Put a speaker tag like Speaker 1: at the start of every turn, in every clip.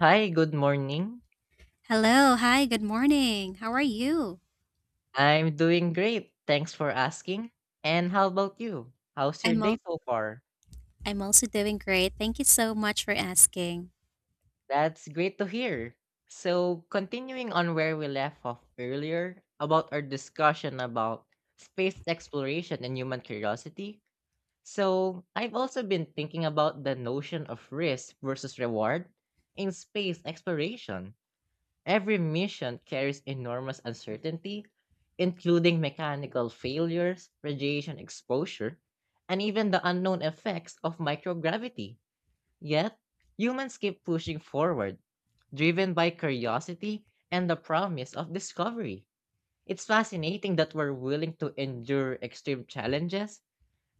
Speaker 1: Hi, good morning.
Speaker 2: Hello. Hi, good morning. How are you?
Speaker 1: I'm doing great. Thanks for asking. And how about you? How's your
Speaker 2: I'm
Speaker 1: day
Speaker 2: al-
Speaker 1: so far?
Speaker 2: I'm also doing great. Thank you so much for asking.
Speaker 1: That's great to hear. So, continuing on where we left off earlier about our discussion about space exploration and human curiosity. So, I've also been thinking about the notion of risk versus reward in space exploration. Every mission carries enormous uncertainty, including mechanical failures, radiation exposure, and even the unknown effects of microgravity. Yet, humans keep pushing forward, driven by curiosity and the promise of discovery. It's fascinating that we're willing to endure extreme challenges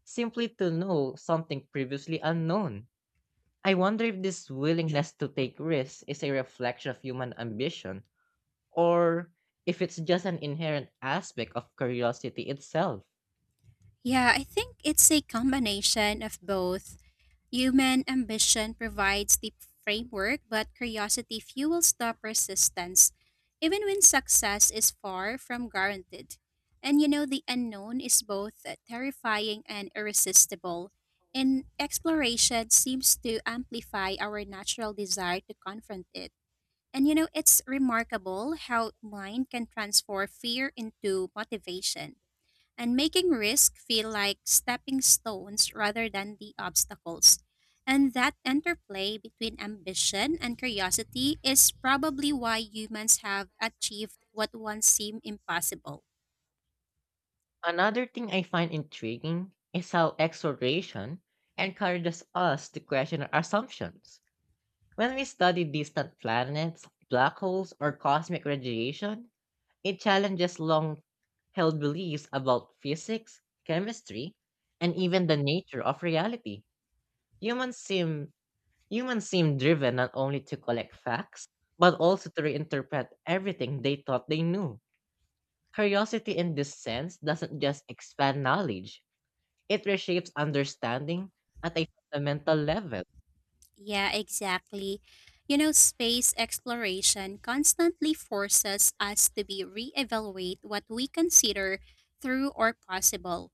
Speaker 1: simply to know something previously unknown. I wonder if this willingness to take risks is a reflection of human ambition or if it's just an inherent aspect of curiosity itself.
Speaker 2: Yeah, I think it's a combination of both. Human ambition provides the framework, but curiosity fuels the persistence, even when success is far from guaranteed. And you know, the unknown is both terrifying and irresistible. And exploration seems to amplify our natural desire to confront it. And you know, it's remarkable how mind can transform fear into motivation and making risk feel like stepping stones rather than the obstacles. And that interplay between ambition and curiosity is probably why humans have achieved what once seemed impossible.
Speaker 1: Another thing I find intriguing is how exploration encourages us to question our assumptions. When we study distant planets, black holes, or cosmic radiation, it challenges long held beliefs about physics, chemistry, and even the nature of reality. Humans seem Humans seem driven not only to collect facts, but also to reinterpret everything they thought they knew. Curiosity in this sense doesn't just expand knowledge, it reshapes understanding at a fundamental level.
Speaker 2: Yeah, exactly. You know, space exploration constantly forces us to be reevaluate what we consider true or possible.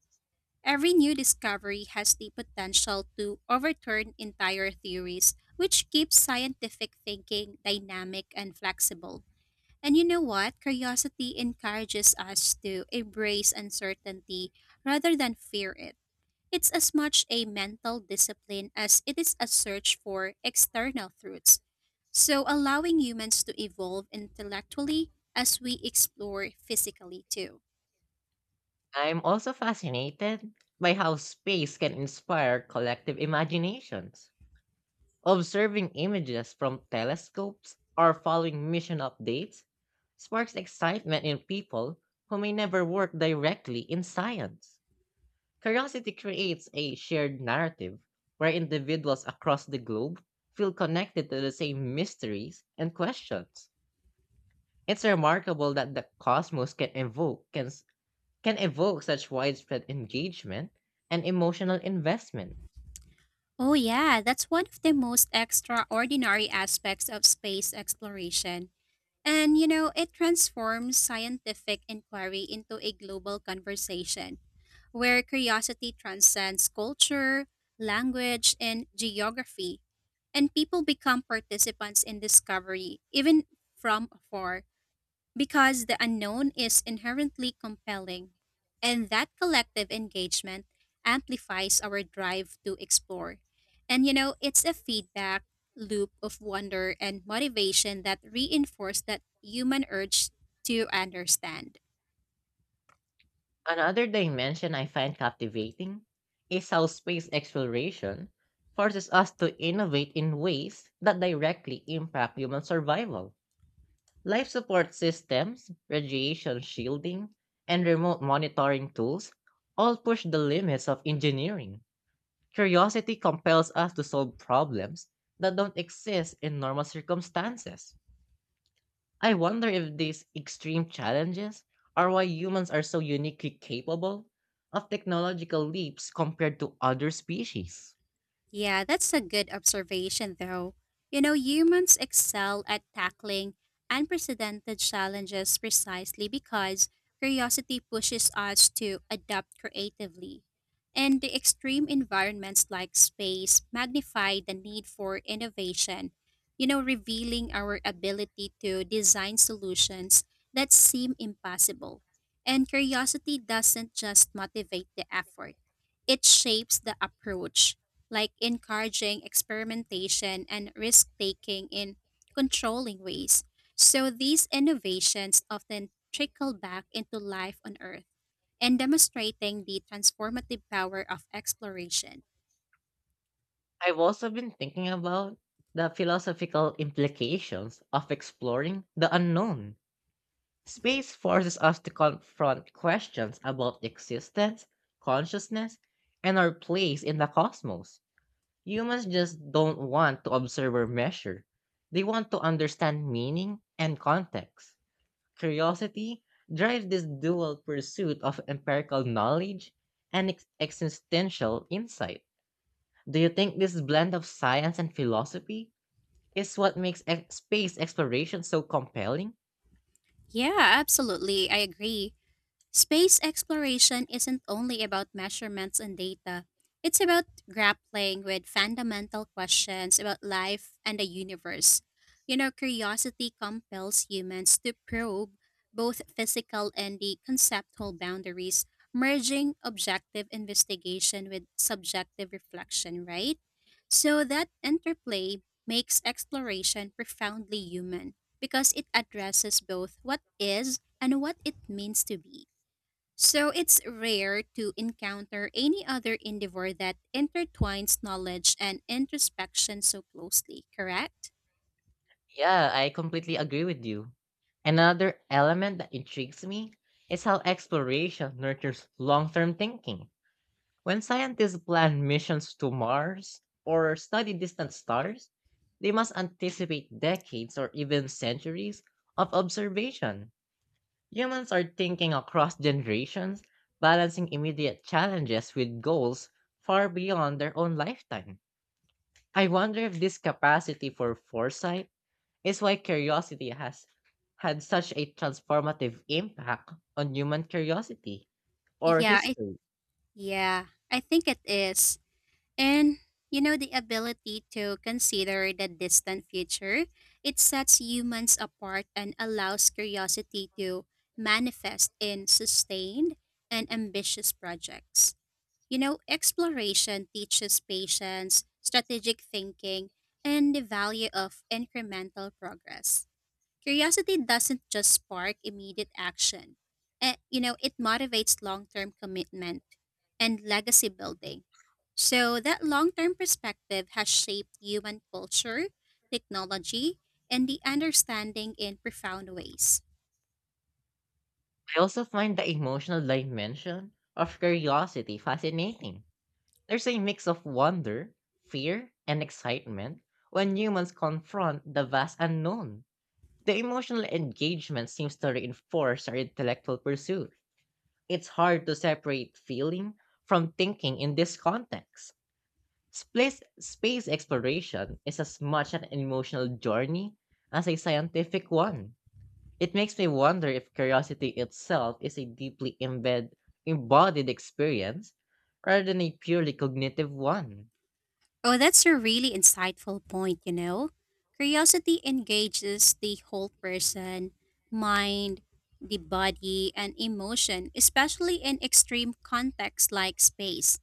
Speaker 2: Every new discovery has the potential to overturn entire theories, which keeps scientific thinking dynamic and flexible. And you know what? Curiosity encourages us to embrace uncertainty rather than fear it. It's as much a mental discipline as it is a search for external truths. So, allowing humans to evolve intellectually as we explore physically too.
Speaker 1: I'm also fascinated by how space can inspire collective imaginations. Observing images from telescopes or following mission updates sparks excitement in people who may never work directly in science. Curiosity creates a shared narrative where individuals across the globe feel connected to the same mysteries and questions. It's remarkable that the cosmos can evoke such widespread engagement and emotional investment.
Speaker 2: Oh, yeah, that's one of the most extraordinary aspects of space exploration. And, you know, it transforms scientific inquiry into a global conversation where curiosity transcends culture, language, and geography, and people become participants in discovery, even from afar. Because the unknown is inherently compelling, and that collective engagement amplifies our drive to explore. And you know, it's a feedback loop of wonder and motivation that reinforce that human urge to understand.
Speaker 1: Another dimension I find captivating is how space exploration forces us to innovate in ways that directly impact human survival. Life support systems, radiation shielding, and remote monitoring tools all push the limits of engineering. Curiosity compels us to solve problems that don't exist in normal circumstances. I wonder if these extreme challenges are why humans are so uniquely capable of technological leaps compared to other species.
Speaker 2: Yeah, that's a good observation, though. You know, humans excel at tackling unprecedented challenges precisely because curiosity pushes us to adapt creatively. And the extreme environments like space magnify the need for innovation, you know, revealing our ability to design solutions that seem impossible. And curiosity doesn't just motivate the effort, it shapes the approach like encouraging experimentation and risk taking in controlling ways. So these innovations often trickle back into life on Earth and demonstrating the transformative power of exploration.
Speaker 1: I've also been thinking about the philosophical implications of exploring the unknown. Space forces us to confront questions about existence, consciousness, and our place in the cosmos. Humans just don't want to observe or measure. They want to understand meaning and context. Curiosity drives this dual pursuit of empirical knowledge and existential insight. Do you think this blend of science and philosophy is what makes space exploration so compelling?
Speaker 2: Yeah, absolutely. I agree. Space exploration isn't only about measurements and data, it's about grappling with fundamental questions about life and the universe. You know, curiosity compels humans to probe both physical and the conceptual boundaries, merging objective investigation with subjective reflection, right? So that interplay makes exploration profoundly human because it addresses both what is and what it means to be. So it's rare to encounter any other endeavor that intertwines knowledge and introspection so closely, correct?
Speaker 1: Yeah, I completely agree with you. Another element that intrigues me is how exploration nurtures long term thinking. When scientists plan missions to Mars or study distant stars, they must anticipate decades or even centuries of observation. Humans are thinking across generations, balancing immediate challenges with goals far beyond their own lifetime. I wonder if this capacity for foresight is why curiosity has had such a transformative impact on human curiosity or
Speaker 2: Yeah, I,
Speaker 1: history.
Speaker 2: yeah, I think it is. And you know the ability to consider the distant future, it sets humans apart and allows curiosity to manifest in sustained and ambitious projects. You know, exploration teaches patience, strategic thinking, and the value of incremental progress. Curiosity doesn't just spark immediate action. You know, it motivates long-term commitment and legacy building. So that long-term perspective has shaped human culture, technology, and the understanding in profound ways.
Speaker 1: I also find the emotional dimension of curiosity fascinating. There's a mix of wonder, fear, and excitement when humans confront the vast unknown. The emotional engagement seems to reinforce our intellectual pursuit. It's hard to separate feeling from thinking in this context. Space exploration is as much an emotional journey as a scientific one. It makes me wonder if curiosity itself is a deeply embodied experience rather than a purely cognitive one.
Speaker 2: Oh, that's a really insightful point, you know. Curiosity engages the whole person, mind, the body, and emotion, especially in extreme contexts like space.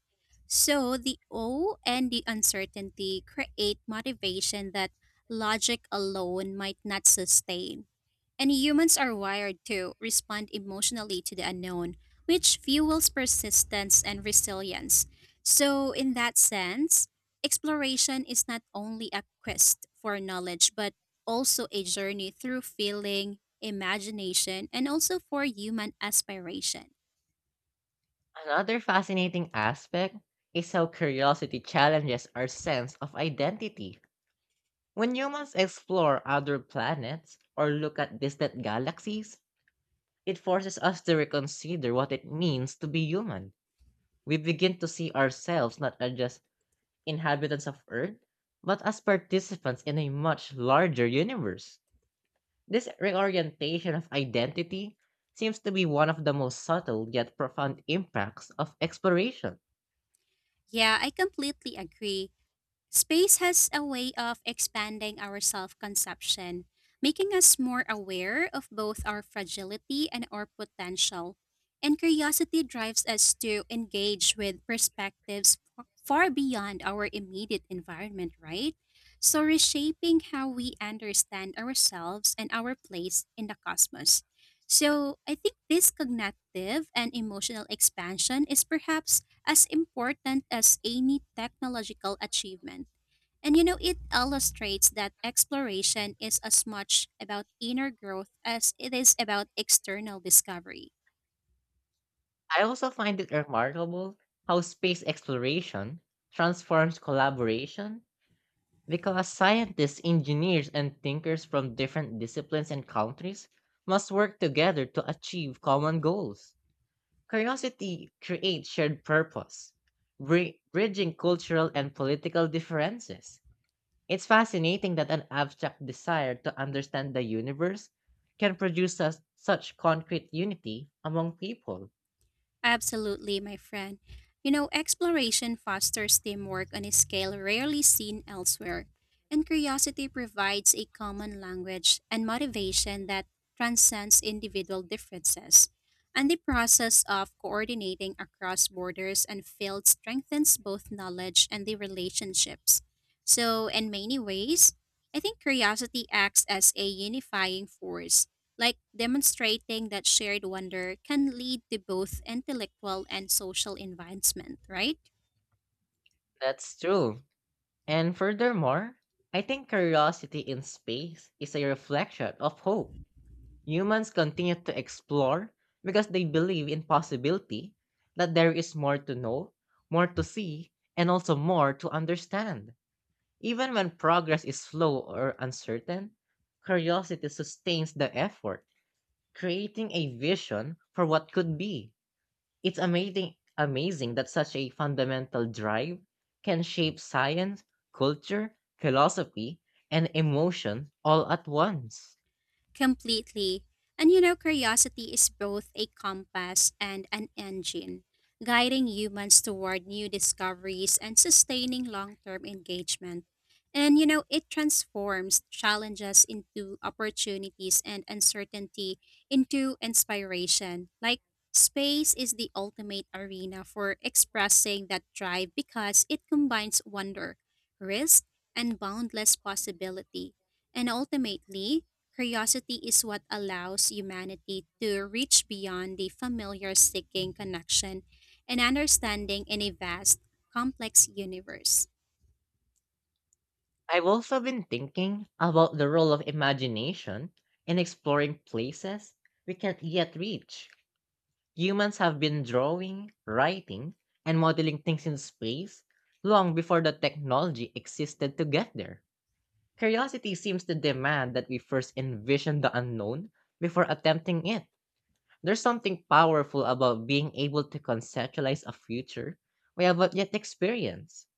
Speaker 2: So, the awe and the uncertainty create motivation that logic alone might not sustain. And humans are wired to respond emotionally to the unknown, which fuels persistence and resilience. So, in that sense, exploration is not only a quest for knowledge, but also a journey through feeling, imagination, and also for human aspiration.
Speaker 1: Another fascinating aspect is how curiosity challenges our sense of identity. When humans explore other planets or look at distant galaxies, it forces us to reconsider what it means to be human. We begin to see ourselves not as just inhabitants of Earth, but as participants in a much larger universe. This reorientation of identity seems to be one of the most subtle yet profound impacts of exploration.
Speaker 2: Yeah, I completely agree. Space has a way of expanding our self conception, making us more aware of both our fragility and our potential. And curiosity drives us to engage with perspectives far beyond our immediate environment, right? So, reshaping how we understand ourselves and our place in the cosmos. So, I think this cognitive and emotional expansion is perhaps as important as any technological achievement. And you know, it illustrates that exploration is as much about inner growth as it is about external discovery.
Speaker 1: I also find it remarkable how space exploration transforms collaboration because scientists, engineers, and thinkers from different disciplines and countries must work together to achieve common goals. Curiosity creates shared purpose, bridging cultural and political differences. It's fascinating that an abstract desire to understand the universe can produce us such concrete unity among people.
Speaker 2: Absolutely, my friend. You know, exploration fosters teamwork on a scale rarely seen elsewhere, and curiosity provides a common language and motivation that transcends individual differences. And the process of coordinating across borders and fields strengthens both knowledge and the relationships. So, in many ways, I think curiosity acts as a unifying force like demonstrating that shared wonder can lead to both intellectual and social advancement, right?
Speaker 1: That's true. And furthermore, I think curiosity in space is a reflection of hope. Humans continue to explore because they believe in possibility that there is more to know, more to see, and also more to understand. Even when progress is slow or uncertain, curiosity sustains the effort, creating a vision for what could be. It's amazing that such a fundamental drive can shape science, culture, philosophy, and emotion all at once.
Speaker 2: Completely. And you know, curiosity is both a compass and an engine, guiding humans toward new discoveries and sustaining long term engagement. And you know, it transforms challenges into opportunities and uncertainty into inspiration. Like, space is the ultimate arena for expressing that drive because it combines wonder, risk, and boundless possibility. And ultimately, curiosity is what allows humanity to reach beyond the familiar seeking connection and understanding in a vast, complex universe.
Speaker 1: I've also been thinking about the role of imagination in exploring places we can't yet reach. Humans have been drawing, writing, and modeling things in space long before the technology existed to get there. Curiosity seems to demand that we first envision the unknown before attempting it. There's something powerful about being able to conceptualize a future we have not yet experienced.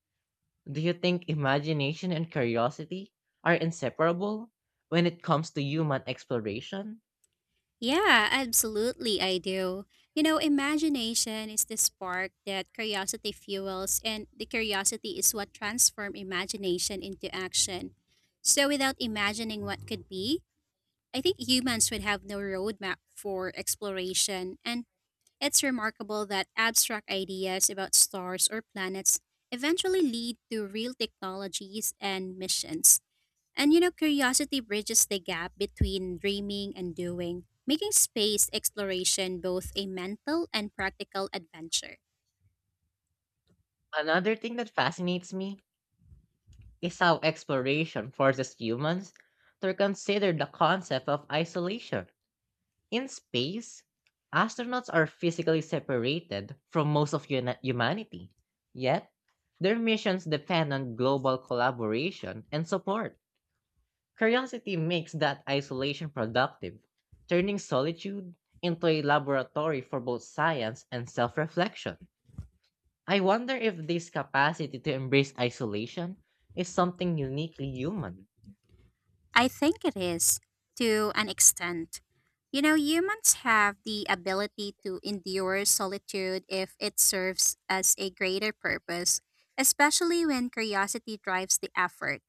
Speaker 1: Do you think imagination and curiosity are inseparable when it comes to human exploration?
Speaker 2: Yeah, absolutely, I do. You know, imagination is the spark that curiosity fuels, and the curiosity is what transforms imagination into action. So, without imagining what could be, I think humans would have no roadmap for exploration, and it's remarkable that abstract ideas about stars or planets eventually lead to real technologies and missions. And you know, curiosity bridges the gap between dreaming and doing, making space exploration both a mental and practical adventure.
Speaker 1: Another thing that fascinates me is how exploration forces humans to reconsider the concept of isolation. In space, astronauts are physically separated from most of humanity, yet, their missions depend on global collaboration and support. Curiosity makes that isolation productive, turning solitude into a laboratory for both science and self reflection. I wonder if this capacity to embrace isolation is something uniquely human.
Speaker 2: I think it is, to an extent. You know, humans have the ability to endure solitude if it serves as a greater purpose, especially when curiosity drives the effort.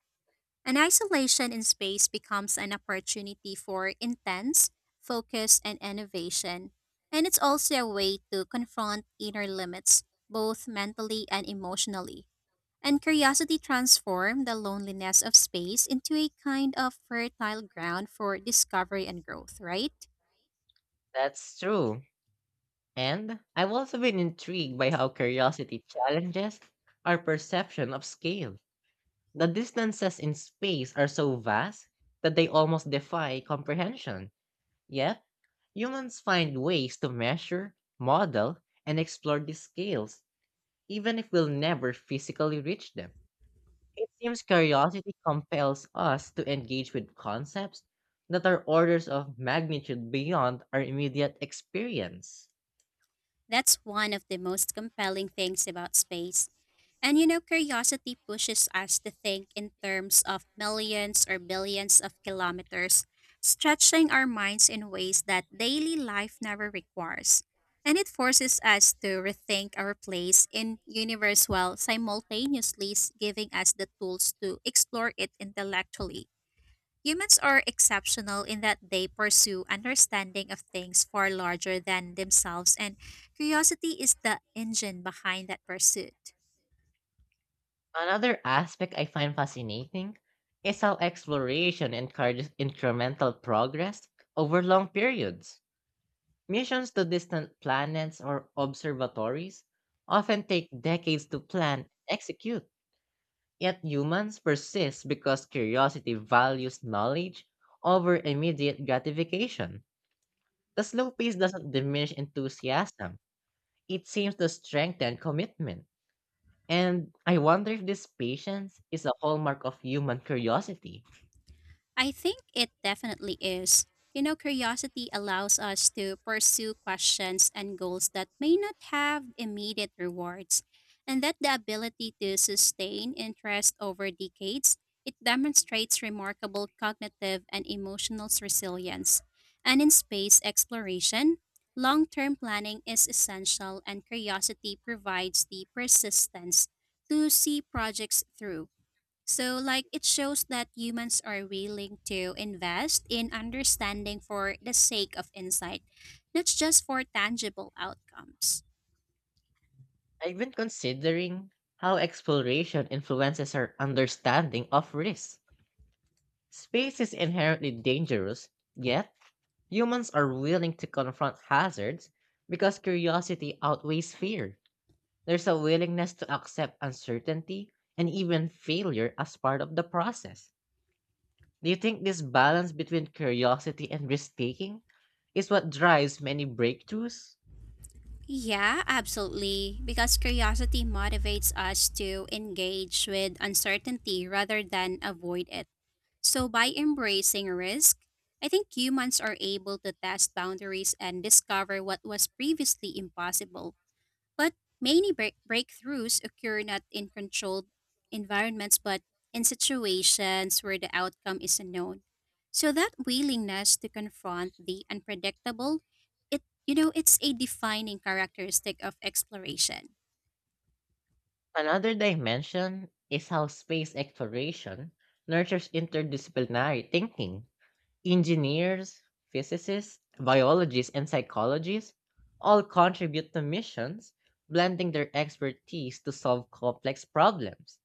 Speaker 2: And isolation in space becomes an opportunity for intense focus and innovation. And it's also a way to confront inner limits, both mentally and emotionally. And curiosity transforms the loneliness of space into a kind of fertile ground for discovery and growth, right?
Speaker 1: That's true. And I've also been intrigued by how curiosity challenges our perception of scale. The distances in space are so vast that they almost defy comprehension. Yet, humans find ways to measure, model, and explore these scales, even if we'll never physically reach them. It seems curiosity compels us to engage with concepts that are orders of magnitude beyond our immediate experience.
Speaker 2: That's one of the most compelling things about space. And you know, curiosity pushes us to think in terms of millions or billions of kilometers, stretching our minds in ways that daily life never requires. And it forces us to rethink our place in universe while simultaneously giving us the tools to explore it intellectually. Humans are exceptional in that they pursue understanding of things far larger than themselves, and curiosity is the engine behind that pursuit.
Speaker 1: Another aspect I find fascinating is how exploration encourages incremental progress over long periods. Missions to distant planets or observatories often take decades to plan and execute, yet humans persist because curiosity values knowledge over immediate gratification. The slow pace doesn't diminish enthusiasm, it seems to strengthen commitment. And I wonder if this patience is a hallmark of human curiosity.
Speaker 2: I think it definitely is. You know, curiosity allows us to pursue questions and goals that may not have immediate rewards, and that the ability to sustain interest over decades, it demonstrates remarkable cognitive and emotional resilience. And in space exploration, long-term planning is essential and curiosity provides the persistence to see projects through. So, like, it shows that humans are willing to invest in understanding for the sake of insight, not just for tangible outcomes.
Speaker 1: I've been considering how exploration influences our understanding of risk. Space is inherently dangerous, yet humans are willing to confront hazards because curiosity outweighs fear. There's a willingness to accept uncertainty and even failure as part of the process. Do you think this balance between curiosity and risk taking is what drives many breakthroughs?
Speaker 2: Yeah, absolutely. Because curiosity motivates us to engage with uncertainty rather than avoid it. So, by embracing risk, I think humans are able to test boundaries and discover what was previously impossible. But many breakthroughs occur not in controlled environments, but in situations where the outcome is unknown. So that willingness to confront the unpredictable, it's a defining characteristic of exploration.
Speaker 1: Another dimension is how space exploration nurtures interdisciplinary thinking. Engineers, physicists, biologists, and psychologists all contribute to missions, blending their expertise to solve complex problems.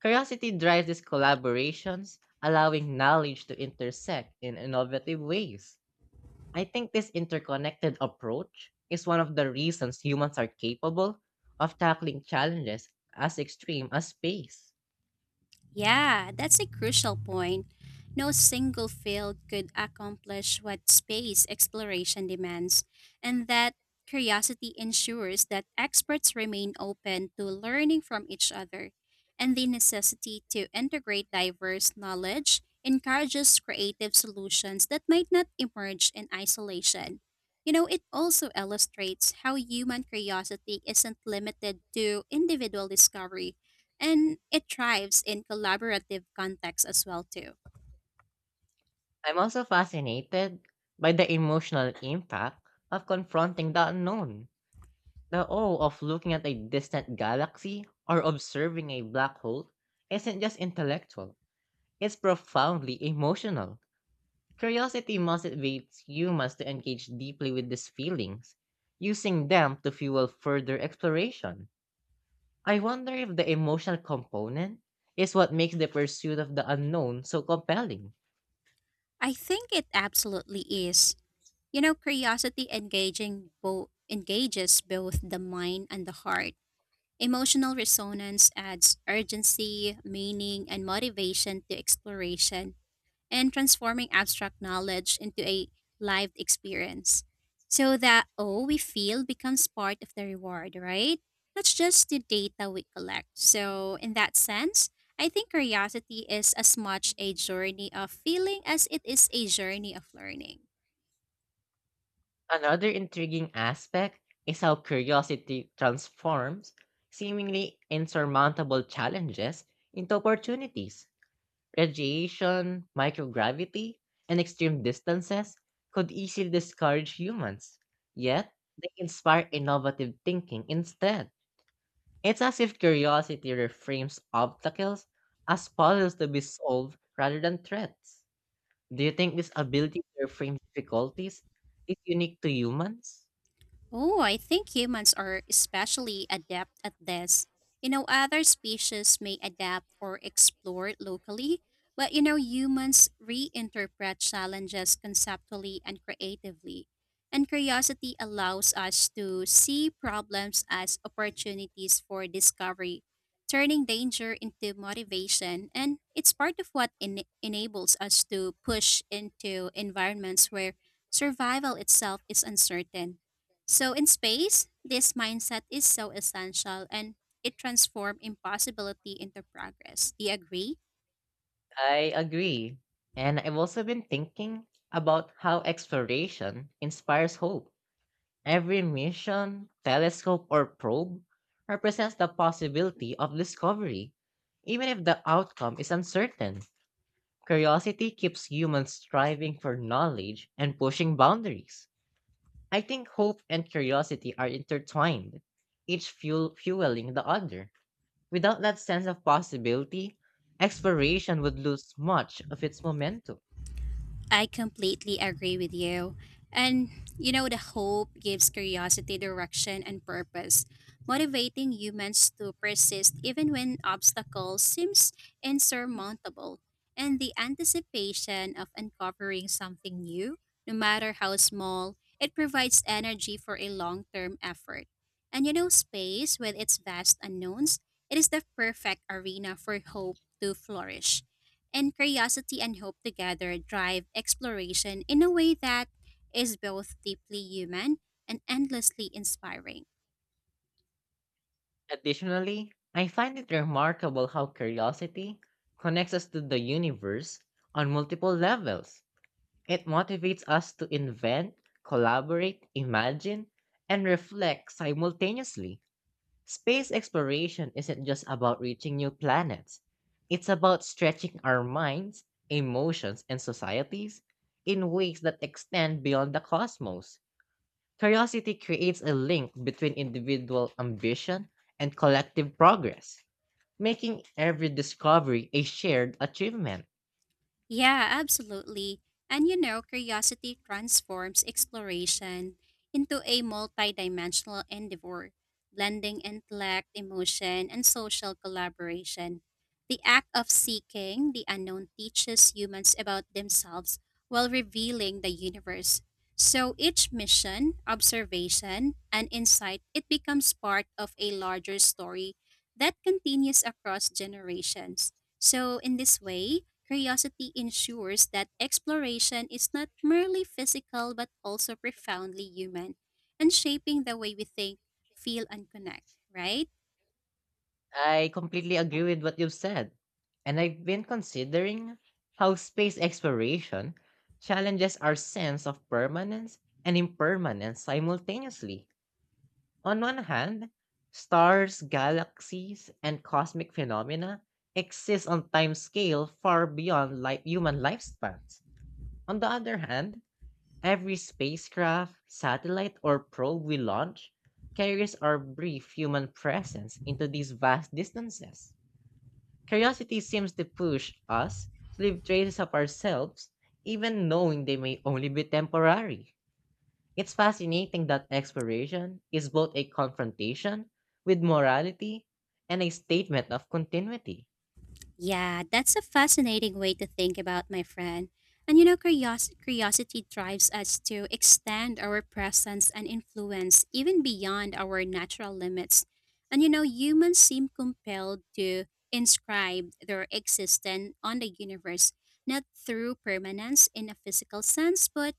Speaker 1: Curiosity drives these collaborations, allowing knowledge to intersect in innovative ways. I think this interconnected approach is one of the reasons humans are capable of tackling challenges as extreme as space.
Speaker 2: Yeah, that's a crucial point. No single field could accomplish what space exploration demands, and that curiosity ensures that experts remain open to learning from each other. And the necessity to integrate diverse knowledge encourages creative solutions that might not emerge in isolation. You know, it also illustrates how human curiosity isn't limited to individual discovery and it thrives in collaborative contexts as well too.
Speaker 1: I'm also fascinated by the emotional impact of confronting the unknown. The awe of looking at a distant galaxy or observing a black hole isn't just intellectual, it's profoundly emotional. Curiosity motivates humans to engage deeply with these feelings, using them to fuel further exploration. I wonder if the emotional component is what makes the pursuit of the unknown so compelling.
Speaker 2: I think it absolutely is. You know, curiosity engaging both engages both the mind and the heart. Emotional resonance adds urgency, meaning, and motivation to exploration and transforming abstract knowledge into a lived experience. So that oh we feel becomes part of the reward, right? Not just the data we collect. So in that sense, I think curiosity is as much a journey of feeling as it is a journey of learning.
Speaker 1: Another intriguing aspect is how curiosity transforms seemingly insurmountable challenges into opportunities. Radiation, microgravity, and extreme distances could easily discourage humans, yet they inspire innovative thinking instead. It's as if curiosity reframes obstacles as puzzles to be solved rather than threats. Do you think this ability to reframe difficulties is unique to humans?
Speaker 2: Oh, I think humans are especially adept at this. You know, other species may adapt or explore locally, but you know, humans reinterpret challenges conceptually and creatively. And curiosity allows us to see problems as opportunities for discovery, turning danger into motivation. And it's part of what enables us to push into environments where survival itself is uncertain. So in space, this mindset is so essential and it transforms impossibility into progress. Do you agree?
Speaker 1: I agree. And I've also been thinking about how exploration inspires hope. Every mission, telescope, or probe represents the possibility of discovery. Even if the outcome is uncertain, curiosity keeps humans striving for knowledge and pushing boundaries. I think hope and curiosity are intertwined, each fueling the other. Without that sense of possibility, exploration would lose much of its momentum.
Speaker 2: I completely agree with you. And you know, the hope gives curiosity, direction, and purpose, motivating humans to persist even when obstacles seems insurmountable. And the anticipation of uncovering something new, no matter how small, it provides energy for a long-term effort. And you know, space with its vast unknowns, it is the perfect arena for hope to flourish and curiosity and hope together drive exploration in a way that is both deeply human and endlessly inspiring.
Speaker 1: Additionally, I find it remarkable how curiosity connects us to the universe on multiple levels. It motivates us to invent, collaborate, imagine, and reflect simultaneously. Space exploration isn't just about reaching new planets, it's about stretching our minds, emotions, and societies in ways that extend beyond the cosmos. Curiosity creates a link between individual ambition and collective progress, making every discovery a shared achievement.
Speaker 2: Yeah, absolutely. And you know, curiosity transforms exploration into a multidimensional endeavor, blending intellect, emotion, and social collaboration. The act of seeking the unknown teaches humans about themselves while revealing the universe. So each mission, observation, and insight, it becomes part of a larger story that continues across generations. So, in this way, curiosity ensures that exploration is not merely physical but also profoundly human and shaping the way we think, feel, and connect, right?
Speaker 1: I completely agree with what you've said, and I've been considering how space exploration challenges our sense of permanence and impermanence simultaneously. On one hand, stars, galaxies, and cosmic phenomena exist on time scale far beyond human lifespans. On the other hand, every spacecraft, satellite, or probe we launch carries our brief human presence into these vast distances. Curiosity seems to push us to leave traces of ourselves, even knowing they may only be temporary. It's fascinating that exploration is both a confrontation with morality and a statement of continuity.
Speaker 2: Yeah, that's a fascinating way to think about, my friend. And you know, curiosity drives us to extend our presence and influence even beyond our natural limits. And you know, humans seem compelled to inscribe their existence on the universe, not through permanence in a physical sense, but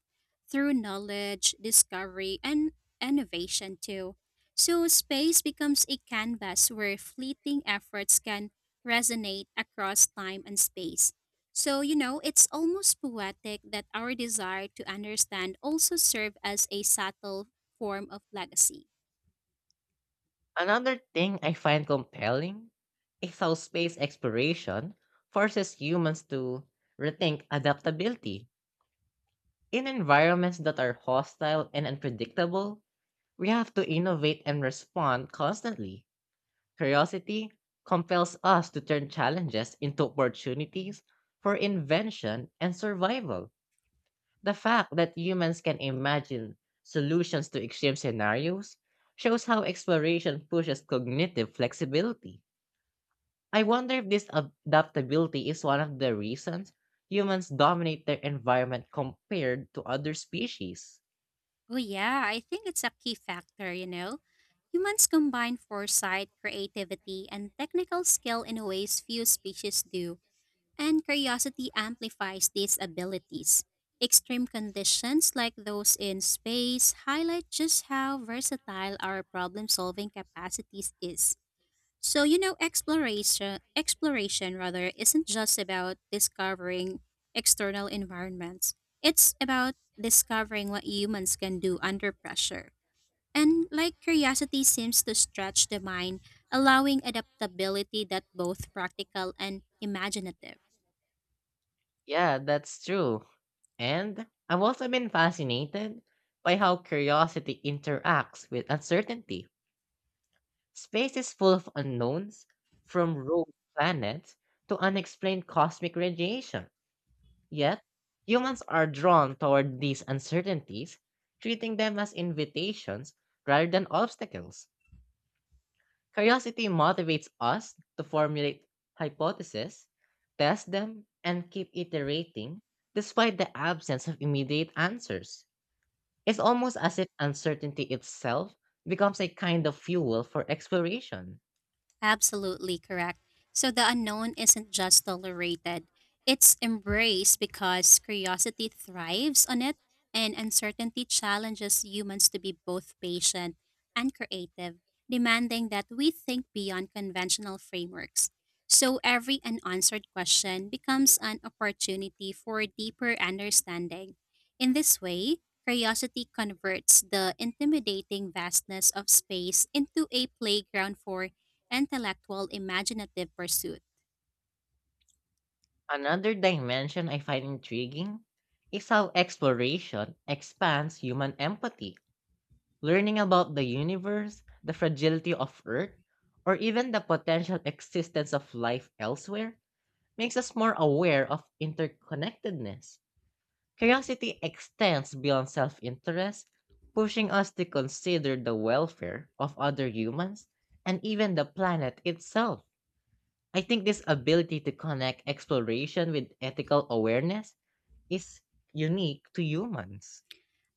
Speaker 2: through knowledge, discovery, and innovation too. So, space becomes a canvas where fleeting efforts can resonate across time and space. So, you know, it's almost poetic that our desire to understand also serve as a subtle form of legacy.
Speaker 1: Another thing I find compelling is how space exploration forces humans to rethink adaptability. In environments that are hostile and unpredictable, we have to innovate and respond constantly. Curiosity compels us to turn challenges into opportunities for invention and survival. The fact that humans can imagine solutions to extreme scenarios shows how exploration pushes cognitive flexibility. I wonder if this adaptability is one of the reasons humans dominate their environment compared to other species.
Speaker 2: Oh, yeah, I think it's a key factor, you know. Humans combine foresight, creativity, and technical skill in ways few species do. And curiosity amplifies these abilities. Extreme conditions like those in space highlight just how versatile our problem solving capacities is. So, you know, exploration rather, isn't just about discovering external environments. It's about discovering what humans can do under pressure. And like curiosity seems to stretch the mind, allowing adaptability that both practical and imaginative.
Speaker 1: Yeah, that's true. And I've also been fascinated by how curiosity interacts with uncertainty. Space is full of unknowns, from rogue planets to unexplained cosmic radiation. Yet, humans are drawn toward these uncertainties, treating them as invitations rather than obstacles. Curiosity motivates us to formulate hypotheses, test them, and keep iterating despite the absence of immediate answers. It's almost as if uncertainty itself becomes a kind of fuel for exploration.
Speaker 2: Absolutely correct. So the unknown isn't just tolerated, it's embraced because curiosity thrives on it, and uncertainty challenges humans to be both patient and creative, demanding that we think beyond conventional frameworks. So every unanswered question becomes an opportunity for deeper understanding. In this way, curiosity converts the intimidating vastness of space into a playground for intellectual imaginative pursuits.
Speaker 1: Another dimension I find intriguing is how exploration expands human empathy. Learning about the universe, the fragility of Earth, or even the potential existence of life elsewhere makes us more aware of interconnectedness. Curiosity extends beyond self interest, pushing us to consider the welfare of other humans and even the planet itself. I think this ability to connect exploration with ethical awareness is unique to humans.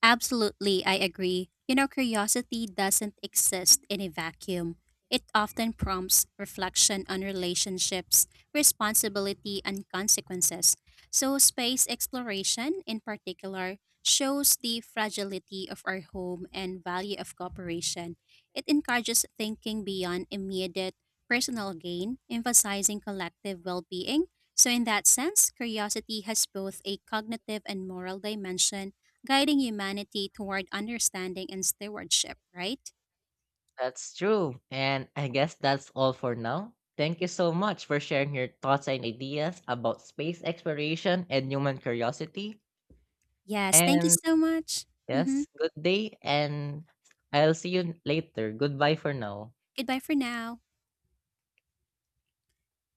Speaker 2: Absolutely, I agree. You know, curiosity doesn't exist in a vacuum. It often prompts reflection on relationships, responsibility, and consequences. So, space exploration in particular shows the fragility of our home and value of cooperation. It encourages thinking beyond immediate personal gain, emphasizing collective well being. So, in that sense, curiosity has both a cognitive and moral dimension guiding humanity toward understanding and stewardship, right?
Speaker 1: That's true. And I guess that's all for now. Thank you so much for sharing your thoughts and ideas about space exploration and human curiosity.
Speaker 2: Yes, thank you
Speaker 1: And
Speaker 2: so much. Hmm.
Speaker 1: yes, good day, and I'll see you later. Goodbye for now.
Speaker 2: Goodbye for now.